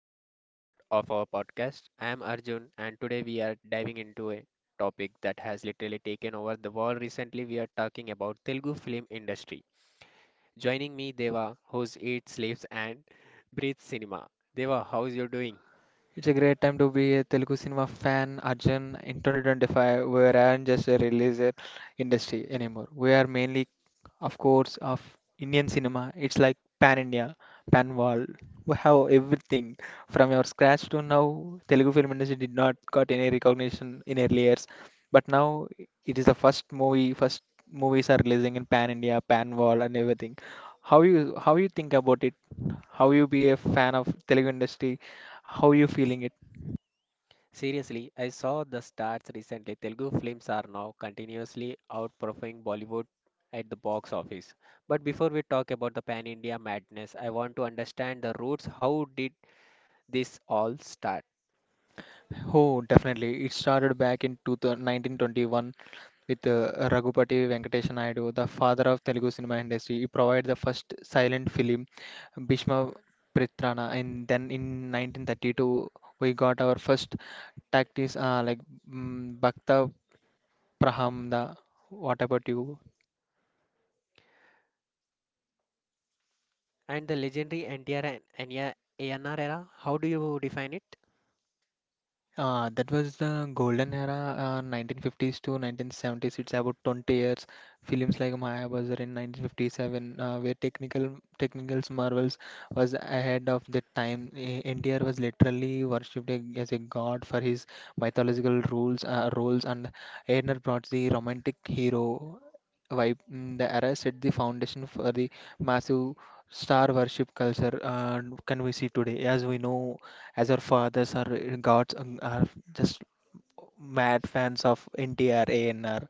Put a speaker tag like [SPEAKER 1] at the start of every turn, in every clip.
[SPEAKER 1] to another episode of our podcast. I am Arjun, and today we are diving into a topic that has literally taken over the world recently. We are talking about Telugu film industry. Joining me, Deva, who eats, sleeps, and breathes cinema. Deva, how is you doing?
[SPEAKER 2] It's a great time to be a Telugu cinema fan, Arjun. In 2025, we aren't just a releaser industry anymore. We are mainly, of course, of Indian cinema. It's like pan India, pan world. We have everything from your scratch to now. Telugu film industry did not got any recognition in early years, but now it is the first movie. First movies are releasing in pan India, pan world, and everything. How you think about it? How you be a fan of Telugu industry? How you feeling it?
[SPEAKER 1] Seriously, I saw the stats recently. Telugu films are now continuously outperforming Bollywood at the box office. But before we talk about the pan India madness, I want to understand the roots. How did this all start?
[SPEAKER 2] Oh, definitely. It started back in 2000, 1921 with Raghupati Venkatesa Naidu, the father of Telugu cinema industry. He provided the first silent film, Bhishma Pritrana, and then in 1932 we got our first tactics like Bhakta Praham. The What about you?
[SPEAKER 1] And the legendary NTR and NR ANR era, how do you define it?
[SPEAKER 2] That was the golden era, 1950s to 1970s. It's about 20 years. Films like Maya was in 1957, where technicals marvels was ahead of the time. India was literally worshipped as a god for his mythological rules, roles, and Airner brought the romantic hero vibe. The era set the foundation for the massive star worship culture can we see today. As we know, as our fathers, our gods, are just mad fans of NTR, ANR.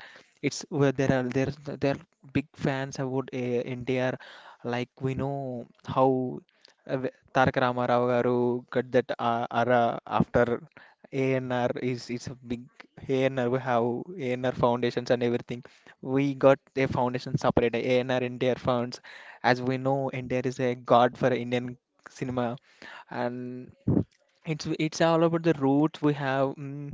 [SPEAKER 2] It's where there are big fans about NTR. Like we know how Tarak Ramarao garu got that ARA after ANR is a big ANR. We have ANR foundations and everything. We got a foundation separate ANR NTR funds. As we know, NTR is a god for Indian cinema and it's all about the roots we have.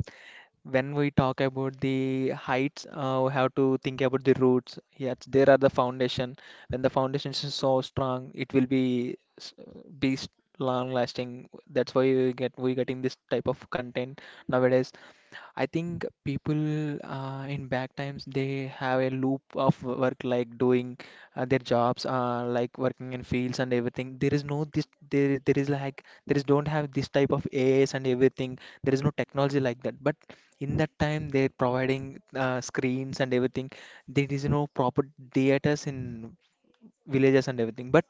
[SPEAKER 2] When we talk about the heights, we have to think about the roots. Yes, there are the foundation. When the foundation is so strong, it will be long lasting. That's why we getting this type of content nowadays. I think people in back times they have a loop of work like doing their jobs like working in fields and everything. There is no this there is like there is don't have this type of AIs and everything. There is no technology like that. But in that time they're providing screens and everything. There is no proper theaters in villages and everything. But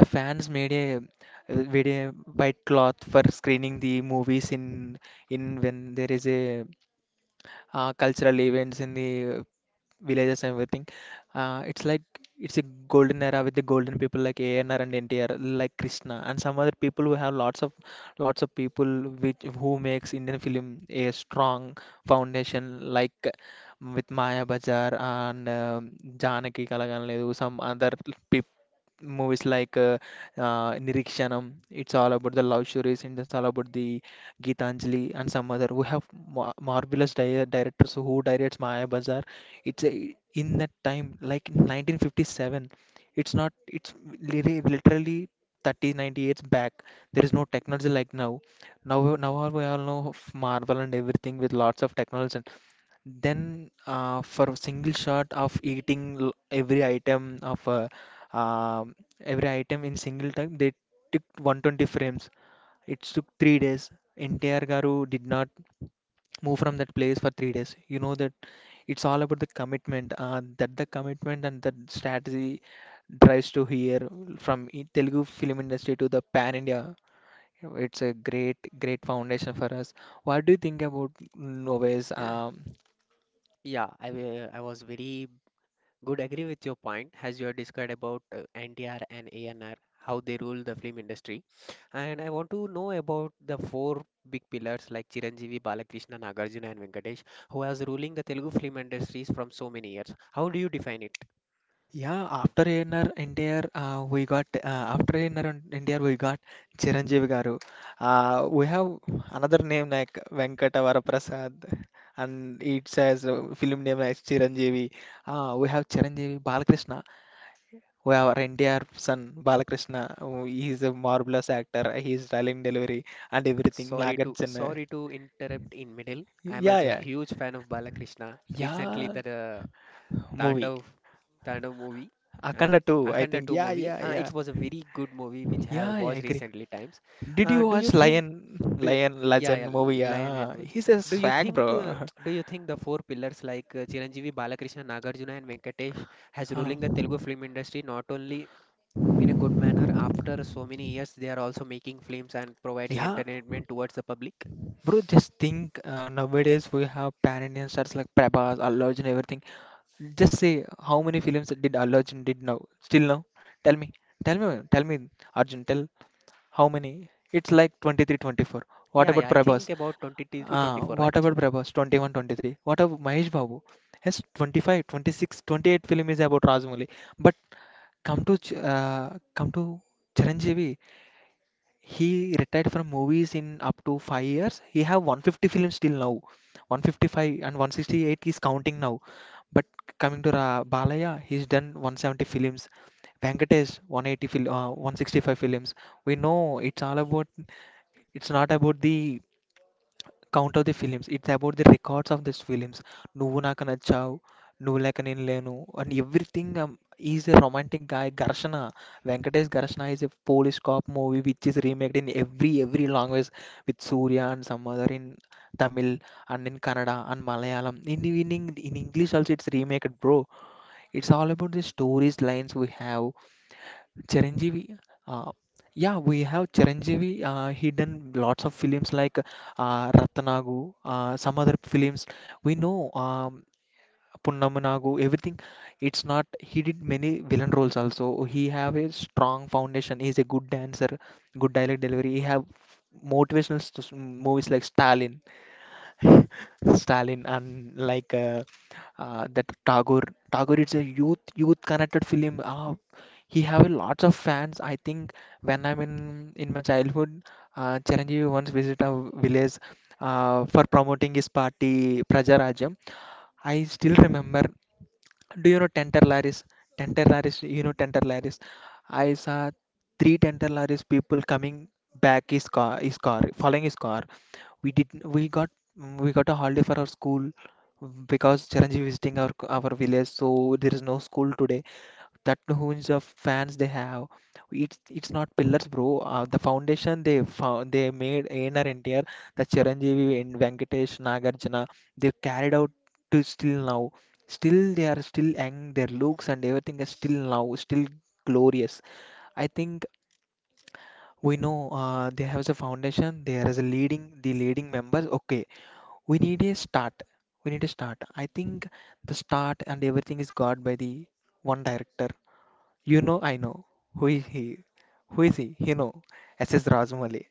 [SPEAKER 2] the fans made a white cloth for screening the movies in when there is a cultural events in the villages and everything. It's like it's a golden era with the golden people like ANR and NTR, like Krishna, and some other people who have lots of people which who makes Indian film a strong foundation, like with Maya Bajar and Janaki Kalagam Ledu, some other people movies like Nirikshanam. It's all about the love stories, and it's all about the Geetanjali and some other. We have mar marvelous di directors who directs Maya Bazaar. In that time, like 1957. It's not. It's literally 30, 90 years back. There is no technology like now. Now, all we all know of Marvel and everything with lots of technology. Then, for a single shot of eating every item of um every item in single time, they took 120 frames. It took 3 days. NTR Garu did not move from that place for 3 days. You know that it's all about the commitment. That The commitment and that strategy drives to here from Telugu film industry to the pan India. You know, it's a great, great foundation for us. What do you think about Noves?
[SPEAKER 1] I was very good agree with your point as you have described about NTR and ANR, how they rule the film industry. And I want to know about the four big pillars like Chiranjeevi, Balakrishna, Nagarjuna and Venkatesh, who has ruling the Telugu film industries from so many years. How do you define it?
[SPEAKER 2] Yeah, after NR NTR, we got after NR and NTR, we got Chiranjeevi garu. We have another name like Venkata Varaprasad, and it says film name as Chiranjeevi. We have Chiranjeevi Balakrishna. We have our NTR son Balakrishna. Oh, he is a marvelous actor. He is dialing delivery and everything.
[SPEAKER 1] Sorry to
[SPEAKER 2] Nagarjuna.
[SPEAKER 1] sorry to interrupt in middle. I'm
[SPEAKER 2] Yeah,
[SPEAKER 1] as a
[SPEAKER 2] yeah,
[SPEAKER 1] huge fan of Balakrishna. Recently,
[SPEAKER 2] yeah.
[SPEAKER 1] the
[SPEAKER 2] Movie
[SPEAKER 1] Tandav Tandav movie, uh,
[SPEAKER 2] Akanda 2, I
[SPEAKER 1] Akhanda
[SPEAKER 2] think.
[SPEAKER 1] 2
[SPEAKER 2] Yeah,
[SPEAKER 1] movie.
[SPEAKER 2] yeah, yeah.
[SPEAKER 1] It was a very good movie which I
[SPEAKER 2] Yeah,
[SPEAKER 1] have
[SPEAKER 2] I
[SPEAKER 1] watched
[SPEAKER 2] agree.
[SPEAKER 1] recently times.
[SPEAKER 2] Did you
[SPEAKER 1] Do you
[SPEAKER 2] watch
[SPEAKER 1] think
[SPEAKER 2] Lion
[SPEAKER 1] do,
[SPEAKER 2] Lion
[SPEAKER 1] Yeah,
[SPEAKER 2] Legend
[SPEAKER 1] yeah,
[SPEAKER 2] movie?
[SPEAKER 1] Lion and
[SPEAKER 2] Yeah,
[SPEAKER 1] Witch.
[SPEAKER 2] he's a
[SPEAKER 1] Do you
[SPEAKER 2] swag,
[SPEAKER 1] think uh,
[SPEAKER 2] bro.
[SPEAKER 1] do you think the four pillars like Chiranjeevi, Balakrishna, Nagarjuna and Venkatesh has
[SPEAKER 2] Uh,
[SPEAKER 1] ruling the Telugu film industry not only in a good manner after so many years they are also making films and providing
[SPEAKER 2] yeah,
[SPEAKER 1] entertainment towards the public?
[SPEAKER 2] bro. Just think nowadays we have pan-Indian stars like Prabhas, Allu Arjun, everything. Just say how many films did Allu Arjun did now? Still now? Tell me, tell me, tell me, Arjun. Tell how many? It's like 23, 24. What
[SPEAKER 1] Yeah,
[SPEAKER 2] about
[SPEAKER 1] yeah, I
[SPEAKER 2] Prabhas?
[SPEAKER 1] think about 23 to 24,
[SPEAKER 2] What
[SPEAKER 1] right?
[SPEAKER 2] about Prabhas? 21, 23. What about Mahesh Babu? Yes, 25, 26, 28 film is about Rajamouli. But come to Chiranjeevi. He retired from movies in up to 5 years. He have 150 films till now. 155 and 168 is counting now. But coming to Ra Balaya, he's done 170 films. Venkatesh 180 fil 165 films. We know it's all about. It's not about the count of the films. It's about the records of these films. Nuvu Naka Nachavu, Nuvu Leka Nenu Lenu, and everything. He's a romantic guy. Venkatesh Garshana is a Polish cop movie which is remade in every language with Surya and some other in Tamil and in Kannada and Malayalam. In English also it's remade, bro. It's all about the stories lines we have Chiranjeevi, uh, yeah, we have Chiranjeevi. He done lots of films like Ratanagu, some other films. We know Punnamanagu, everything. It's not. He did many villain roles also. He have a strong foundation. He's a good dancer, good dialect delivery. He have motivational movies like Stalin. Stalin and like that Tagore. Tagore is a youth connected film. He have a lots of fans. I think when I'm in my childhood, Chiranjeevi once visited a village for promoting his party Prajarajyam. I still remember. Do you know Tenter Laris? Tenter Laris, you know Tenter Laris. I saw three Tenter Laris people coming back following his car. We did we got mm, we got a holiday for our school, because Chiranjeev visiting our village, so there is no school today. That hunch of fans they have, it's not pillars, bro. The foundation they made in our NTR, the Chiranjeev and Venkatesh Nagarjuna, they carried out to still now. Still they are still young. Their looks and everything is still now still glorious. I think we know they have a foundation. There is a leading the leading members. Okay, we need a start. We need a start. I think the start and everything is got by the one director. You know, I know. Who is he? Who is he? You know, SS. Rajamouli,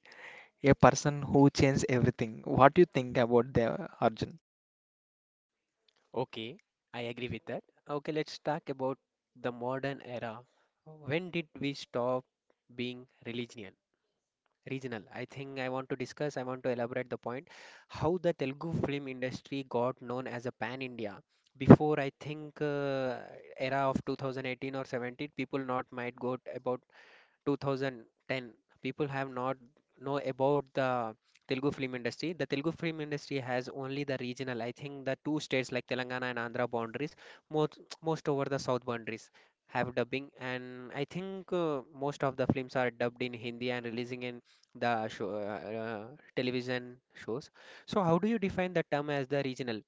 [SPEAKER 2] a person who changed everything. What do you think about the Arjun?
[SPEAKER 1] Okay, I agree with that. Okay, let's talk about the modern era. When did we stop being religion? Regional. I think I want to discuss, I want to elaborate the point how the Telugu film industry got known as a pan India. Before, I think, era of 2018 or 17, people not might about 2010 people have not know about the Telugu film industry. The Telugu film industry has only the regional, I think the two states like Telangana and Andhra boundaries, most most over the south boundaries have dubbing and I think most of the films are dubbed in Hindi and releasing in the show, television shows. So how do you define the term as the regional?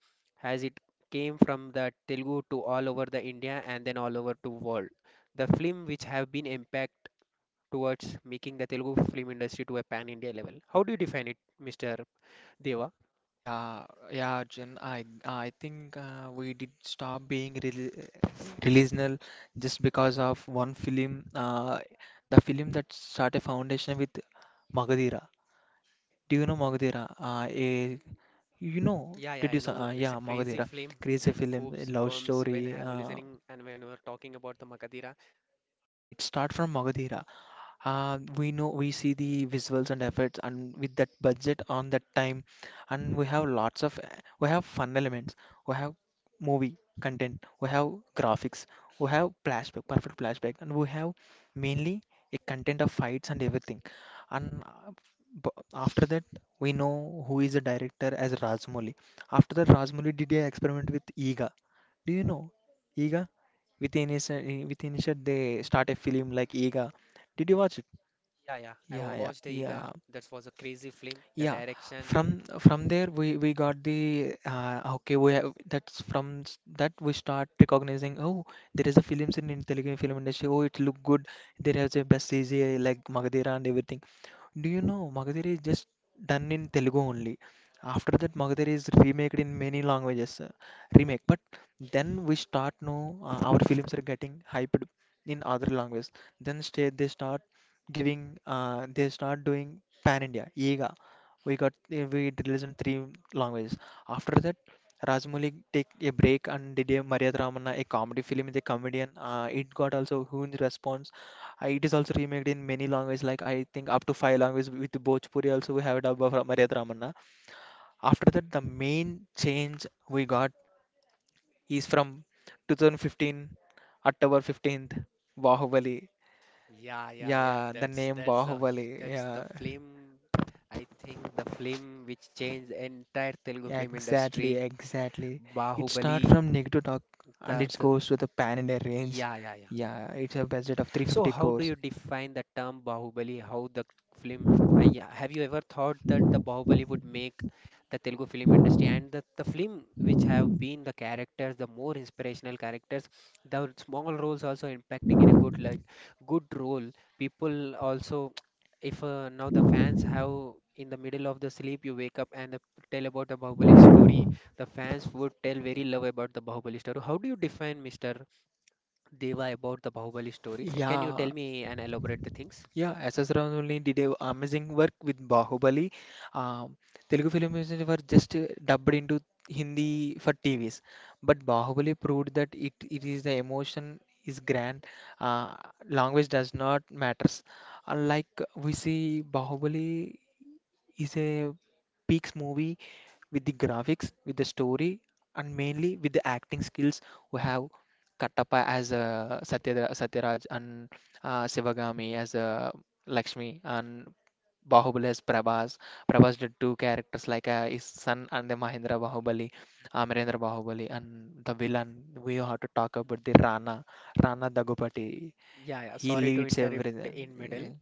[SPEAKER 1] Has it came from the Telugu to all over the India and then all over to world? The film which have been impact towards making the Telugu film industry to a pan India level. How do you define it, Mr. Deva?
[SPEAKER 2] Yeah, yeah, Arjun. I think we did stop being relational just because of one film. The film that started a foundation with Magadira. Do you know Magadira? A You know,
[SPEAKER 1] Yeah, yeah,
[SPEAKER 2] did
[SPEAKER 1] I
[SPEAKER 2] you?
[SPEAKER 1] know. It's a
[SPEAKER 2] Yeah,
[SPEAKER 1] crazy
[SPEAKER 2] Mogadira,
[SPEAKER 1] film.
[SPEAKER 2] crazy
[SPEAKER 1] As a
[SPEAKER 2] film,
[SPEAKER 1] corpse
[SPEAKER 2] love
[SPEAKER 1] pumps when I
[SPEAKER 2] story.
[SPEAKER 1] have listening and when we were talking about the Makadira.
[SPEAKER 2] It start from Mogadira, we know we see the visuals and effects and with that budget on that time and we have lots of we have fun elements, we have movie content, we have graphics, we have flashback perfect flashback, and we have mainly a content of fights and everything, and after that we know who is the director as Rajmouli. After that Rajmouli did a experiment with Ega. Do you know Ega? Within initial with initial they start a film like Ega. Did you watch it?
[SPEAKER 1] Yeah, yeah. I
[SPEAKER 2] Ja, ja,
[SPEAKER 1] watched the Iga.
[SPEAKER 2] ja.
[SPEAKER 1] That was a crazy film. The
[SPEAKER 2] Yeah,
[SPEAKER 1] direction.
[SPEAKER 2] from there we got the, okay, we have, that we start recognizing, oh, there is a films in Telugu film industry, oh, it look good. There has a best CGI like Magadira and everything. Do you know Magadira is just done in Telugu only. After that Magadira is remaked in many languages, remake but then we start know our films are getting hyped in other languages, then stay they start giving, they start doing pan India. Ega we got, we did listen three languages. After that, Rajmouli take a break and did a Maria Ramana, a comedy film with a comedian. It got also huge response. It is also remade in many languages, like I think up to five languages. With Bhojpuri also we have a dub of Maria Ramana. After that, the main change we got is from 2015, October 15th, Bahubali.
[SPEAKER 1] Yeah, yeah, yeah.
[SPEAKER 2] Yeah, the
[SPEAKER 1] That's
[SPEAKER 2] name
[SPEAKER 1] that's the
[SPEAKER 2] Bahubali.
[SPEAKER 1] that's the
[SPEAKER 2] Yeah,
[SPEAKER 1] film. I think the film which changed entire Telugu
[SPEAKER 2] yeah,
[SPEAKER 1] film
[SPEAKER 2] exactly,
[SPEAKER 1] industry.
[SPEAKER 2] exactly. It
[SPEAKER 1] Bahubali.
[SPEAKER 2] starts from negative talk and
[SPEAKER 1] Dard.
[SPEAKER 2] it goes to the pan India range.
[SPEAKER 1] Yeah, yeah, yeah.
[SPEAKER 2] Yeah, it's a budget of
[SPEAKER 1] So,
[SPEAKER 2] 350
[SPEAKER 1] how do
[SPEAKER 2] crores.
[SPEAKER 1] you define the term Bahubali? How the film? I, have you ever thought that the Bahubali would make the Telugu film industry and the film which have been the characters, the more inspirational characters, the small roles also impacting in a good like good role. People also, if now the fans have in the middle of the sleep you wake up and the, tell about the Bahubali story, the fans would tell very love about the Bahubali story. How do you define Mr. Deva about the Bahubali story. Can you
[SPEAKER 2] Yeah,
[SPEAKER 1] tell me and elaborate the things?
[SPEAKER 2] yeah. SS Ram only did a amazing work with Bahubali. Um, Telugu films were just dubbed into Hindi for TVs, but Bahubali proved that it is the emotion is grand. Uh, Language does not matters. Unlike we see Bahubali is a peaks movie with the graphics, with the story, and mainly with the acting skills we have Kattappa as Satyaraj and Sivagami as Lakshmi and Bahubali as Prabhas. Prabhas did two characters like his son and the Mahindra Bahubali, Amirendra Bahubali, and the villain. We have to talk about the Rana Dagupati.
[SPEAKER 1] Yeah, yeah.
[SPEAKER 2] He
[SPEAKER 1] Sorry to
[SPEAKER 2] leads
[SPEAKER 1] interrupt in middle.
[SPEAKER 2] everything.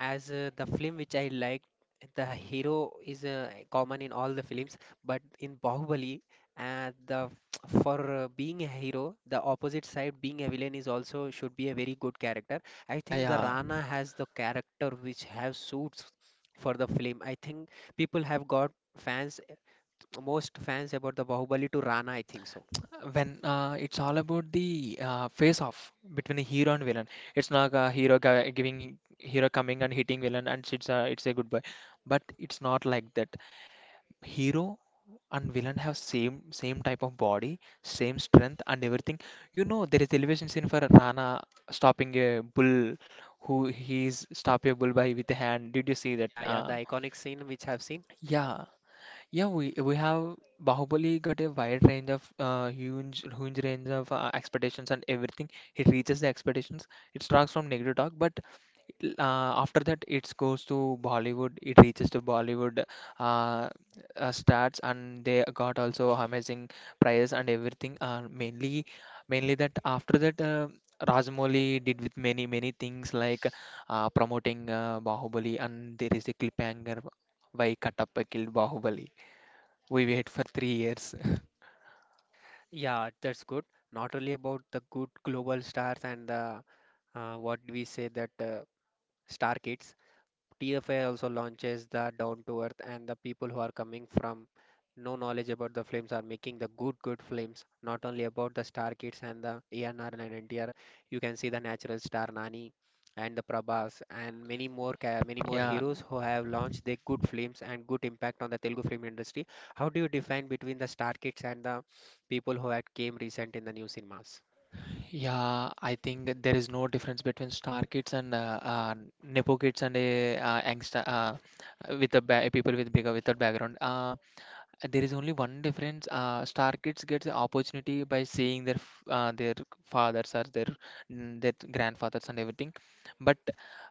[SPEAKER 1] As the film which I liked, the hero is common in all the films, but in Bahubali, the for being a hero, the opposite side being a villain is also should be a very good character. I
[SPEAKER 2] Yeah,
[SPEAKER 1] think the
[SPEAKER 2] yeah.
[SPEAKER 1] Rana has the character which have suits for the film. I think people have got fans most fans about the Bahubali to Rana. I think so.
[SPEAKER 2] When it's all about the face off between the hero and villain, it's not a hero guy giving hero coming and hitting villain, and it's a goodbye. But it's not like that hero and villain have same type of body, same strength and everything. You know, there is elevation scene for Rana stopping a bull, who he's stop a bull by with a hand. Did you see that?
[SPEAKER 1] Yeah, yeah, the iconic scene which I've seen.
[SPEAKER 2] Yeah, yeah, we have Bahubali got a wide range of huge range of expectations and everything. It reaches the expectations. It starts from negative talk, but after that it goes to Bollywood. It reaches to Bollywood, uh, starts and they got also amazing prize and everything. Mainly that after that. Rajamouli did with many things like promoting Bahubali, and there is a cliffhanger why Kattappa killed Bahubali. We wait for 3 years.
[SPEAKER 1] Yeah, that's good. Not only about the good global stars and the what do we say that star kids, TFI also launches the Down to Earth, and the people who are coming from no knowledge about the films are making the good, good films. Not only about the Star Kids and the ANR and NTR, you can see the natural star Nani and the Prabhas and many more many more
[SPEAKER 2] Yeah,
[SPEAKER 1] heroes who have launched their good films and good impact on the Telugu film industry. How do you define between the Star Kids and the people who had came recent in the new cinemas?
[SPEAKER 2] yeah. I think that there is no difference between star kids and nepo kids and angst with the ba people with bigger without background. There is only one difference. Star kids get the opportunity by seeing their fathers or their grandfathers and everything, but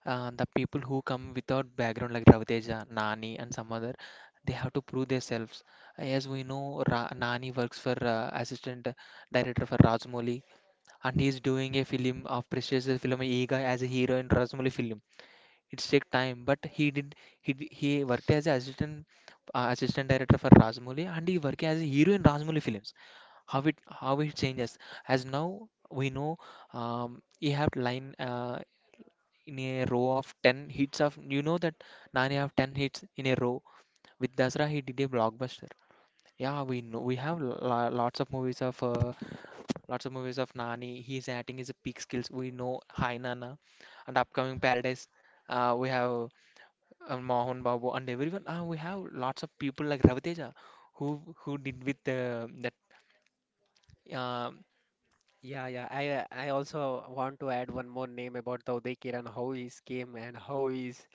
[SPEAKER 2] the people who come without background like Raviteja, Nani and some other, they have to prove themselves. As we know, Nani works for assistant director for Rajmouli, and he is doing a film of prestigious film Ega as a hero in Rajmouli film. It take time, but he did. He he worked as a assistant assistant director for Rajmouli, and he worked as a hero in Rajmouli films. How it changes. As now we know, he have line in a row of 10 hits of that Nani have 10 hits in a row. With Dasra he did a blockbuster. Yeah, we know we have lots of movies of Nani. He's acting his peak skills. We know Hai Nana and upcoming Paradise. We have and Mohan Babu and everyone. We have lots of people like Raviteja, who did with that. Uh,
[SPEAKER 1] Yeah, yeah. I also want to add one more name about the Uday Kiran, how he's came and how he's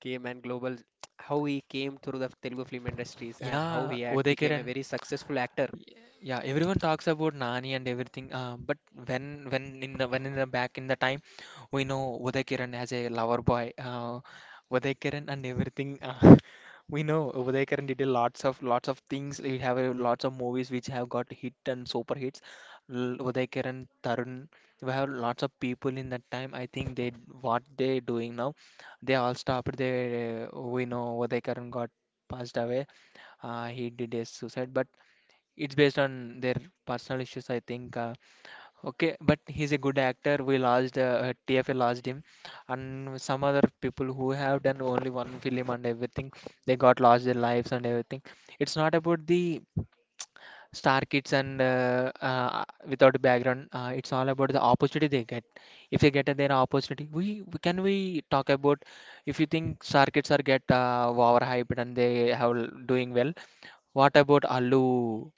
[SPEAKER 1] came and global how he came through the Telugu film industries and how
[SPEAKER 2] yeah,
[SPEAKER 1] he had
[SPEAKER 2] Uday
[SPEAKER 1] became a
[SPEAKER 2] Kiran.
[SPEAKER 1] very successful actor.
[SPEAKER 2] Y- Yeah, everyone talks about Nani and everything, but when when in the back in the time, we know Uday Kiran as a lover boy, Uday Kiran and everything. We know Uday Kiran did a lots of things. We have lots of movies which have got hit and super hits. Uday Kiran, Tarun, we have lots of people in that time. I think they, what they doing now, they all stopped. They, we know Uday Kiran got passed away. He did a suicide, but it's based on their personal issues, I think. Okay, but he's a good actor. We lost TFA lodged him, and some other people who have done only one film and everything, they got lost their lives and everything. It's not about the star kids and without a background. It's all about the opportunity they get. If they get their opportunity, we can we talk about if you think star kids are get overhyped and they have doing well. What about Allu?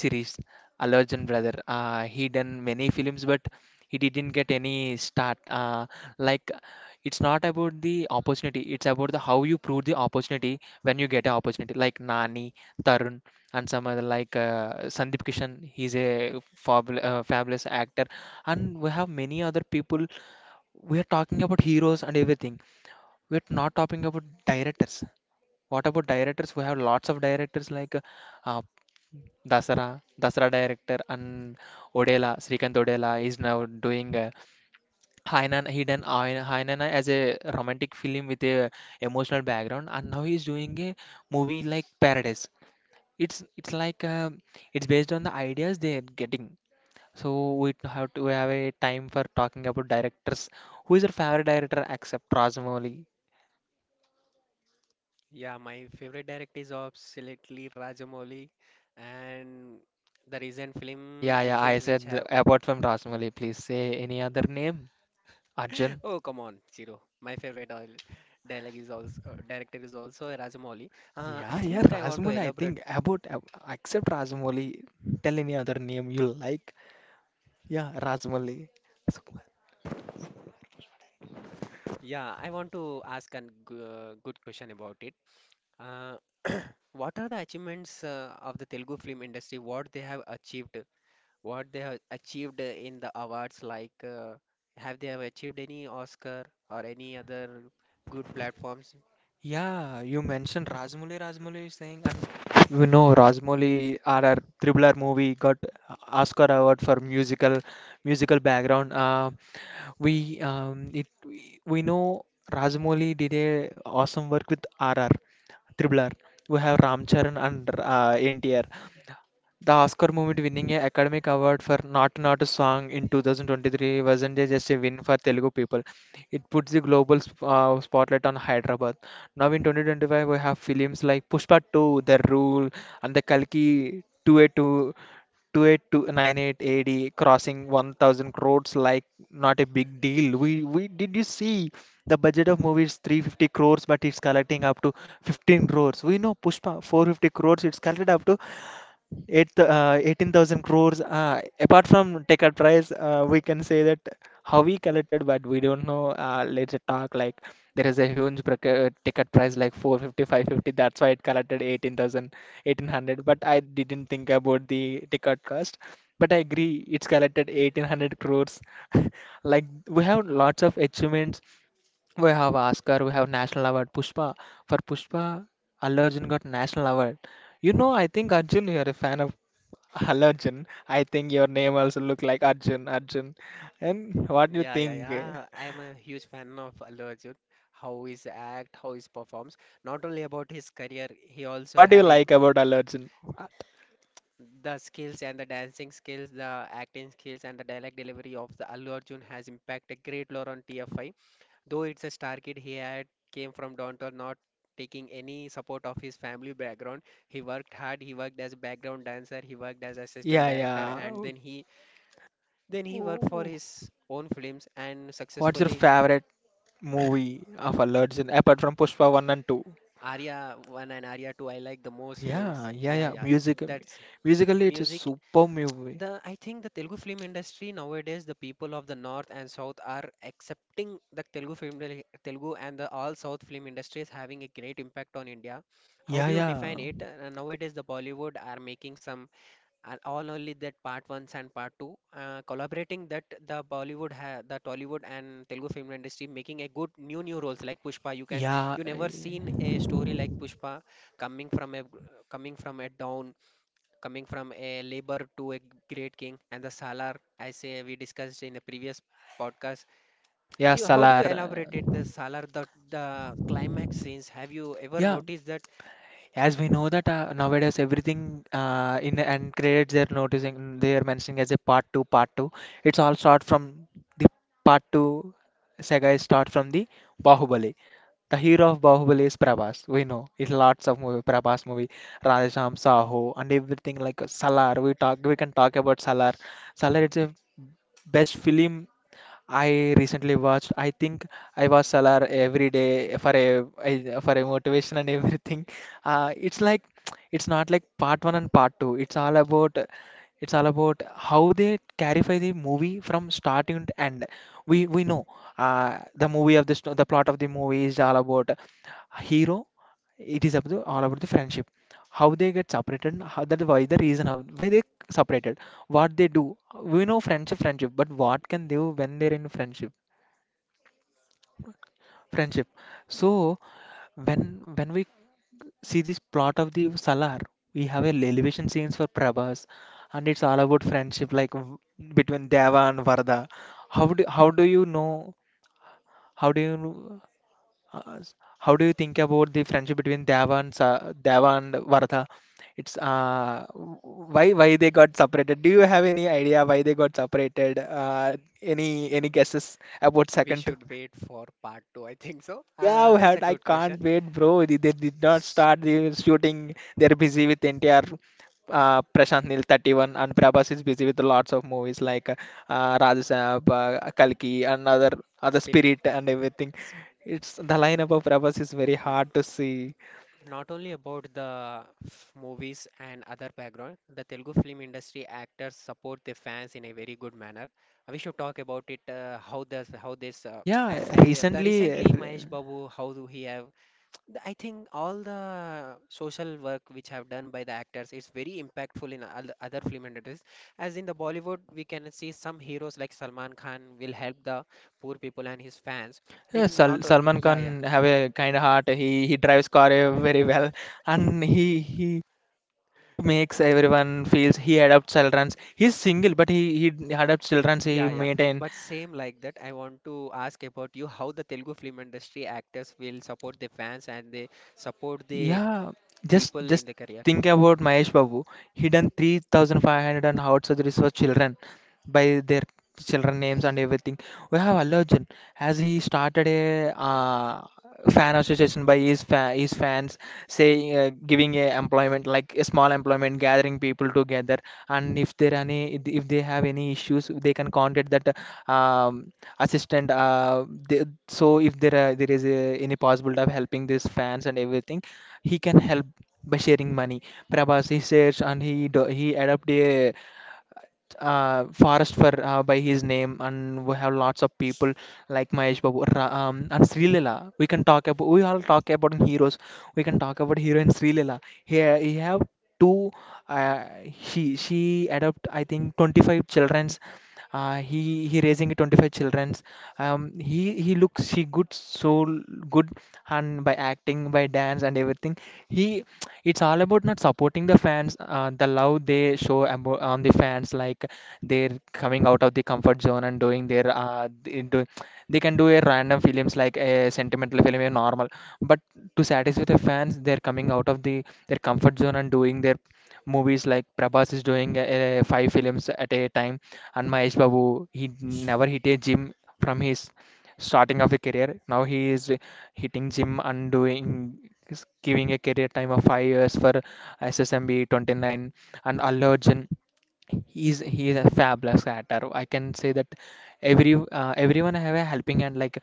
[SPEAKER 2] Series allergen brother, he done many films, but he didn't get any start, like it's not about the opportunity. It's about the how you prove the opportunity when you get an opportunity, like Nani, Tarun, and some other, like Sandeep Kishan. He's a fabulous actor, and we have many other people. We are talking about heroes and everything. We're not talking about directors. What about directors? We have lots of directors like Dasara, Dasara director, and Odela. Srikanth Odela is now doing Hainan. He done Hainan as a romantic film with a emotional background, and now he's doing a movie like Paradise. It's like it's based on the ideas they are getting. So we have a time for talking about directors. Who is your favorite director except Rajamouli?
[SPEAKER 1] Yeah, my favorite director is absolutely Rajamouli and the recent film
[SPEAKER 2] Yeah,
[SPEAKER 1] I
[SPEAKER 2] yeah, I
[SPEAKER 1] think which
[SPEAKER 2] said
[SPEAKER 1] have
[SPEAKER 2] apart from Rasmali, please say any other name. Arjun.
[SPEAKER 1] oh come on Zero. My favorite oil dialogue is also director is also a Rajamouli. I
[SPEAKER 2] Yeah, yeah,
[SPEAKER 1] think I want to
[SPEAKER 2] Rasmoli. I
[SPEAKER 1] elaborate.
[SPEAKER 2] think about except Rasmoli. Tell any other name you like. Yeah, Rasmoli.
[SPEAKER 1] Yeah, I want to ask a good question about it. Uh, what are the achievements of the Telugu film industry? What they have achieved? What they have achieved in the awards like have they have achieved any Oscar or any other good platforms?
[SPEAKER 2] Yeah, you mentioned Rajmouli. Rajmouli is saying, and Rajmouli, our Triple R movie got Oscar award for musical background. We know Rajmouli did a awesome work with RR Triple R. We have Ram Charan and NTR. The Oscar movie winning an Academy Award for Not Naatu song in 2023 wasn't just a win for Telugu people. It puts the global spotlight on Hyderabad. Now in 2025, we have films like Pushpa 2, The Rule, and the Kalki 282, 28298 AD crossing 1,000 crores like not a big deal. We did you see the budget of movies 350 crores, but it's collecting up to 15 crores. We know Pushpa 450 crores, it's collected up to 18,000 crores. Apart from ticket price, we can say that how we collected, but we don't know. Let's talk like there is a huge ticket price like four fifty five fifty. That's why it collected 18,000 1800. But I didn't think about the ticket cost. But I agree, it's collected 1800 crores. Like we have lots of achievements, we have Oscar, we have National Award. Pushpa, for Pushpa, Allu Arjun got National Award. You know, I think Arjun, you are a fan of Allu Arjun. I think your name also look like Arjun, Arjun. And what do you
[SPEAKER 1] Yeah, yeah,
[SPEAKER 2] think? Eh?
[SPEAKER 1] yeah. I'm a huge fan of Allu Arjun, how his act, how his performs. Not only about his career, he also
[SPEAKER 2] What do you
[SPEAKER 1] having
[SPEAKER 2] like about Allu Arjun? Uh,
[SPEAKER 1] the skills and the dancing skills, the acting skills and the dialect delivery of the Allu Arjun has impacted great lore on TFI. Though it's a star kid, he had came from downtown, not taking any support of his family background. He worked hard. He worked as a background dancer. He worked as assistant
[SPEAKER 2] Yeah,
[SPEAKER 1] director,
[SPEAKER 2] yeah.
[SPEAKER 1] and
[SPEAKER 2] Oh,
[SPEAKER 1] then he
[SPEAKER 2] oh,
[SPEAKER 1] worked for
[SPEAKER 2] oh.
[SPEAKER 1] his own films and
[SPEAKER 2] What's your
[SPEAKER 1] successfully
[SPEAKER 2] favorite movie of Allu Arjun apart from Pushpa 1 and 2?
[SPEAKER 1] Arya 1 and Arya 2. I like the most films.
[SPEAKER 2] Yeah, yeah,
[SPEAKER 1] Yeah,
[SPEAKER 2] yeah.
[SPEAKER 1] yeah.
[SPEAKER 2] Music,
[SPEAKER 1] That's
[SPEAKER 2] musically, it's a
[SPEAKER 1] music.
[SPEAKER 2] super movie.
[SPEAKER 1] The I think the Telugu film industry nowadays, the people of the north and south are accepting the Telugu film industry- Telugu and the all south film industry is having a great impact on India. How
[SPEAKER 2] Yeah,
[SPEAKER 1] do you
[SPEAKER 2] yeah.
[SPEAKER 1] define it? Nowadays, the Bollywood are making some all only that part ones and part two, collaborating that the Bollywood, the Tollywood and Telugu film industry making a good new roles like Pushpa. You can
[SPEAKER 2] Yeah,
[SPEAKER 1] you never seen
[SPEAKER 2] eh,
[SPEAKER 1] a story like Pushpa coming from a coming from a down coming from a labor to a great king and the salar I say we discussed in the previous podcast
[SPEAKER 2] yeah,
[SPEAKER 1] you how do you
[SPEAKER 2] Salar.
[SPEAKER 1] elaborate it the salar the climax scenes have you ever
[SPEAKER 2] Yeah,
[SPEAKER 1] noticed that
[SPEAKER 2] as we know that nowadays everything in and credits they're mentioning as a part two, part two. It's all start from the part two saga is start from the Bahubali. The hero of Bahubali is Prabhas. We know it's lots of movie, Prabhas movie, Radhesham, Saho, and everything like Salar. We can talk about Salar. Salar, it's a best film I recently watched. I think I watch Salar every day for for a motivation and everything. It's like it's not like part one and part two. It's all about how they clarify the movie from starting to end. We know the movie of this, the plot of the movie is all about a hero, it is about the, all about the friendship, how they get separated, how that, why the reason, how why they separated, what they do. We know friendship, friendship, but what can they do when they're in friendship, friendship. So when when we see this plot of the Salar, we have a elevation scenes for Prabhas, and it's all about friendship, like between Deva and Varda. how do how do you know how do you know? How do you think about the friendship between Deva and Varadha? It's why they got separated? Do you have any idea why they got separated? Any guesses about
[SPEAKER 1] we
[SPEAKER 2] second? Two?
[SPEAKER 1] should wait for part 2 I think so
[SPEAKER 2] Yeah, we
[SPEAKER 1] that's a
[SPEAKER 2] had, I
[SPEAKER 1] good
[SPEAKER 2] can't
[SPEAKER 1] question
[SPEAKER 2] wait, bro. They did not
[SPEAKER 1] S-
[SPEAKER 2] start the shooting. They're busy with NTR, Prashant Nil 31, and Prabhas is busy with lots of movies like Rajasaab, Kalki, and other
[SPEAKER 1] spirit
[SPEAKER 2] Spirit and everything. It's the lineup of Prabhas is very hard to see.
[SPEAKER 1] not only about the movies and other background, the Telugu film industry actors support their fans in a very good manner. We should talk about it how does how this
[SPEAKER 2] Yeah,
[SPEAKER 1] I the
[SPEAKER 2] recently
[SPEAKER 1] recently Mahesh Babu how do he have the- I think all the social work which have done by the actors is very impactful in other film industries. As in the Bollywood, we can see some heroes like Salman Khan will help the poor people and his fans
[SPEAKER 2] yeah,
[SPEAKER 1] in not o-
[SPEAKER 2] Salman
[SPEAKER 1] yeah yeah.
[SPEAKER 2] Khan have a kind heart. He drives car very well, and he makes everyone feels he adopts childrens. He's single, but he adopts childrens. He
[SPEAKER 1] Yeah, yeah.
[SPEAKER 2] maintain.
[SPEAKER 1] But same like that, I want to ask about you how the Telugu film industry actors will support the fans and they support the
[SPEAKER 2] Yeah, just
[SPEAKER 1] people in
[SPEAKER 2] just
[SPEAKER 1] the career.
[SPEAKER 2] think about Mahesh Babu. He done 3,500 and heart surgeries for children by their children names and everything. We have Allu Arjun as he started a fan association by his fa his fans saying giving a employment like a small employment gathering people together, and if there any if they have any issues they can contact that um, assistant so if there are, there is a, any possibility of helping these fans and everything, he can help by sharing money. Prabhas he shares and he adopt a forest for by his name, and we have lots of people like and Srilila. We can talk about we all talk about heroes. We can talk about hero and Srilila. Here he have two. Uh, she adopt I think 25 childrens uh, he he raising 25 childrens um, he looks he good soul good, and by acting by dance and everything he it's all about not supporting the fans, the love they show on the fans, like they're coming out of the comfort zone and doing their they can do a random films like a sentimental film, a normal, but to satisfy the fans they're coming out of the their comfort zone and doing their movies like Prabhas is doing five films at a time. And Mahesh Babu, he never hit a gym from his starting of a career. Now he is hitting gym and doing is giving a career time of 5 years for SSMB 29 and Allu Arjun. He is a fabulous actor. I can say that every everyone have a helping hand, like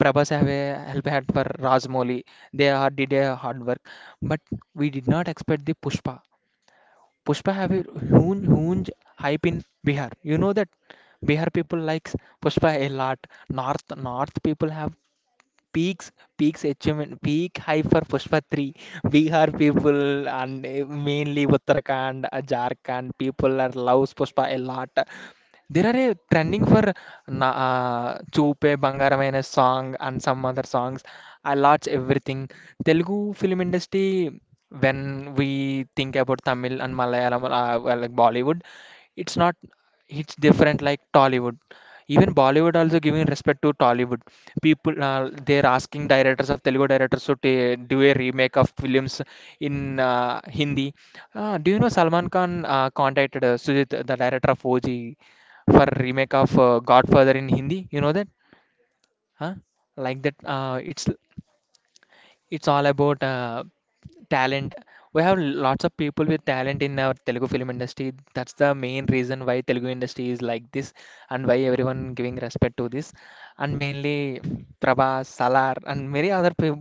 [SPEAKER 2] Prabhas have a helping hand for Rajmouli. They are did a hard work, but we did not expect the Pushpa. Pushpa have a huge hype in Bihar. You know that Bihar people likes Pushpa a lot. North people have peaks peak high for Pushpa 3 Bihar people and mainly Uttarakhand Jharkhand people are loves Pushpa a lot. There are a trending for na చూపే బంగారమైన song and some other songs. I lots everything Telugu film industry when we think about Tamil and Malayalam like Bollywood, it's not, it's different like Tollywood. Even Bollywood also giving respect to Tollywood. People they're asking directors of Telugu directors to do a remake of films in Hindi. Do you know Salman Khan contacted Sujit, the director of OG, for remake of Godfather in Hindi? You know that? Huh? Like that? It's all about talent. We have lots of people with talent in our Telugu film industry. That's the main reason why Telugu industry is like this and why everyone giving respect to this. And mainly Prabhas, Salar, and many other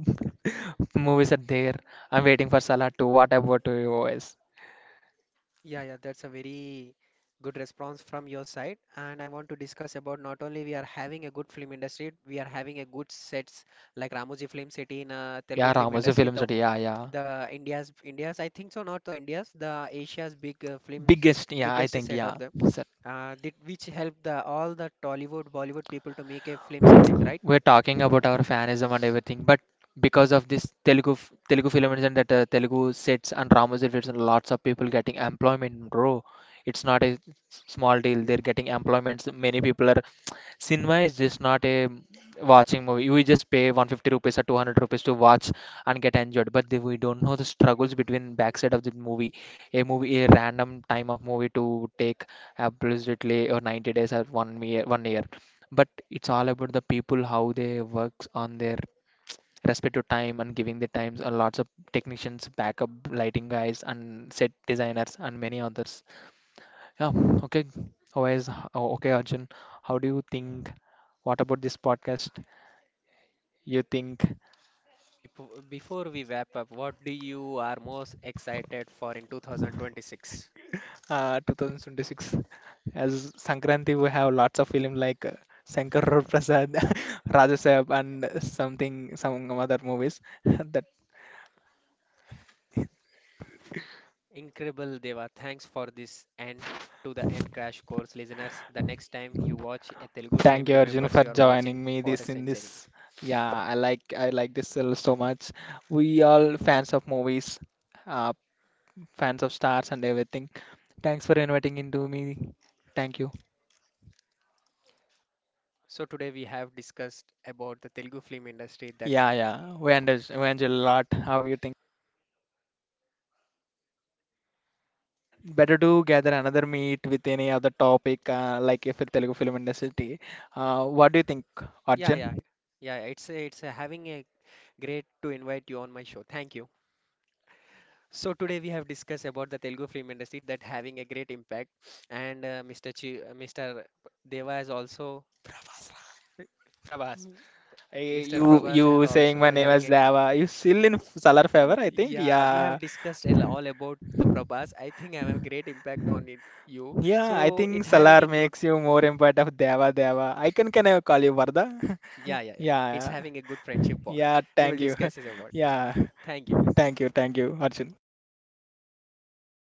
[SPEAKER 2] movies are there. I'm waiting for Salar to. What about OS?
[SPEAKER 1] Yeah, yeah, that's a very good response from your side. And I want to discuss about not only we are having a good film industry, we are having a good sets like Ramoji Film City in Telugu
[SPEAKER 2] Yeah,
[SPEAKER 1] film
[SPEAKER 2] Ramosu
[SPEAKER 1] industry.
[SPEAKER 2] films. Are- Yeah, yeah.
[SPEAKER 1] The India's I think so, not the India's the Asia's big films
[SPEAKER 2] Biggest, yeah, I
[SPEAKER 1] biggest
[SPEAKER 2] think,
[SPEAKER 1] set
[SPEAKER 2] yeah.
[SPEAKER 1] of them. Did which helped the all the Tollywood, Bollywood people to make a films in it, right?
[SPEAKER 2] We're talking about our fanism and everything, but because of this Telugu films and that Telugu sets and Ramos sets and lots of people getting employment, bro. It's not a small deal. They're getting employments. Many people are cinema is just not a watching movie. We just pay 150 rupees or 200 rupees to watch and get enjoyed. But the- we don't know the struggles between backside of the movie. A movie, a random time of movie to take absolutely or 90 days or 1 year, 1 year. But it's all about the people, how they works on their respective time and giving the times and lots of technicians, backup lighting guys and set designers and many others. Yeah, okay. Always, oh, okay, Arjun. How do you think? What about this podcast? You think
[SPEAKER 1] Before we wrap up, what do you are most excited for in 2026?
[SPEAKER 2] 2026 as Sankranti, we have lots of film like Shankar Rao Prasad, Raja Sarab, and something, some other movies. That
[SPEAKER 1] Incredible, Deva. Thanks for this and to the end crash course listeners. The next time you watch a Telugu film,
[SPEAKER 2] thank you, Arjun,
[SPEAKER 1] remembers
[SPEAKER 2] for
[SPEAKER 1] you are
[SPEAKER 2] joining
[SPEAKER 1] watching
[SPEAKER 2] me
[SPEAKER 1] for a
[SPEAKER 2] this in
[SPEAKER 1] century.
[SPEAKER 2] this. Yeah, I like this so much. We all fans of movies, uh, fans of stars and everything. Thanks for inviting into me. Thank you.
[SPEAKER 1] So today we have discussed about the Telugu film industry. That
[SPEAKER 2] Yeah, yeah. We understand a lot. How you think? Better to gather another meet with any other topic, like if it's Telugu film industry. What do you think,
[SPEAKER 1] yeah,
[SPEAKER 2] Arjun?
[SPEAKER 1] yeah, yeah. It's a having a great to invite you on my show. Thank you. So today we have discussed about the Telugu film industry that having a great impact, and Mr. Deva is also,
[SPEAKER 2] Prabhas, I,
[SPEAKER 1] Mr.
[SPEAKER 2] you
[SPEAKER 1] Prabhas have
[SPEAKER 2] you saying
[SPEAKER 1] also
[SPEAKER 2] my name
[SPEAKER 1] having
[SPEAKER 2] as
[SPEAKER 1] a.
[SPEAKER 2] Dava. You still in Salar favor, I think.
[SPEAKER 1] Yeah, we have
[SPEAKER 2] Yeah,
[SPEAKER 1] discussed a all about the Prabhas. I think I have a great impact on it, you.
[SPEAKER 2] yeah. I
[SPEAKER 1] So
[SPEAKER 2] think
[SPEAKER 1] it having
[SPEAKER 2] Salar
[SPEAKER 1] a good.
[SPEAKER 2] makes you more important of Dava. I can I call you Varda?
[SPEAKER 1] Yeah, yeah, yeah. It's
[SPEAKER 2] Yeah,
[SPEAKER 1] having a good friendship bond.
[SPEAKER 2] yeah.
[SPEAKER 1] We will
[SPEAKER 2] Thank you.
[SPEAKER 1] discuss this about.
[SPEAKER 2] Yeah,
[SPEAKER 1] Thank you.
[SPEAKER 2] thank you, Arjun.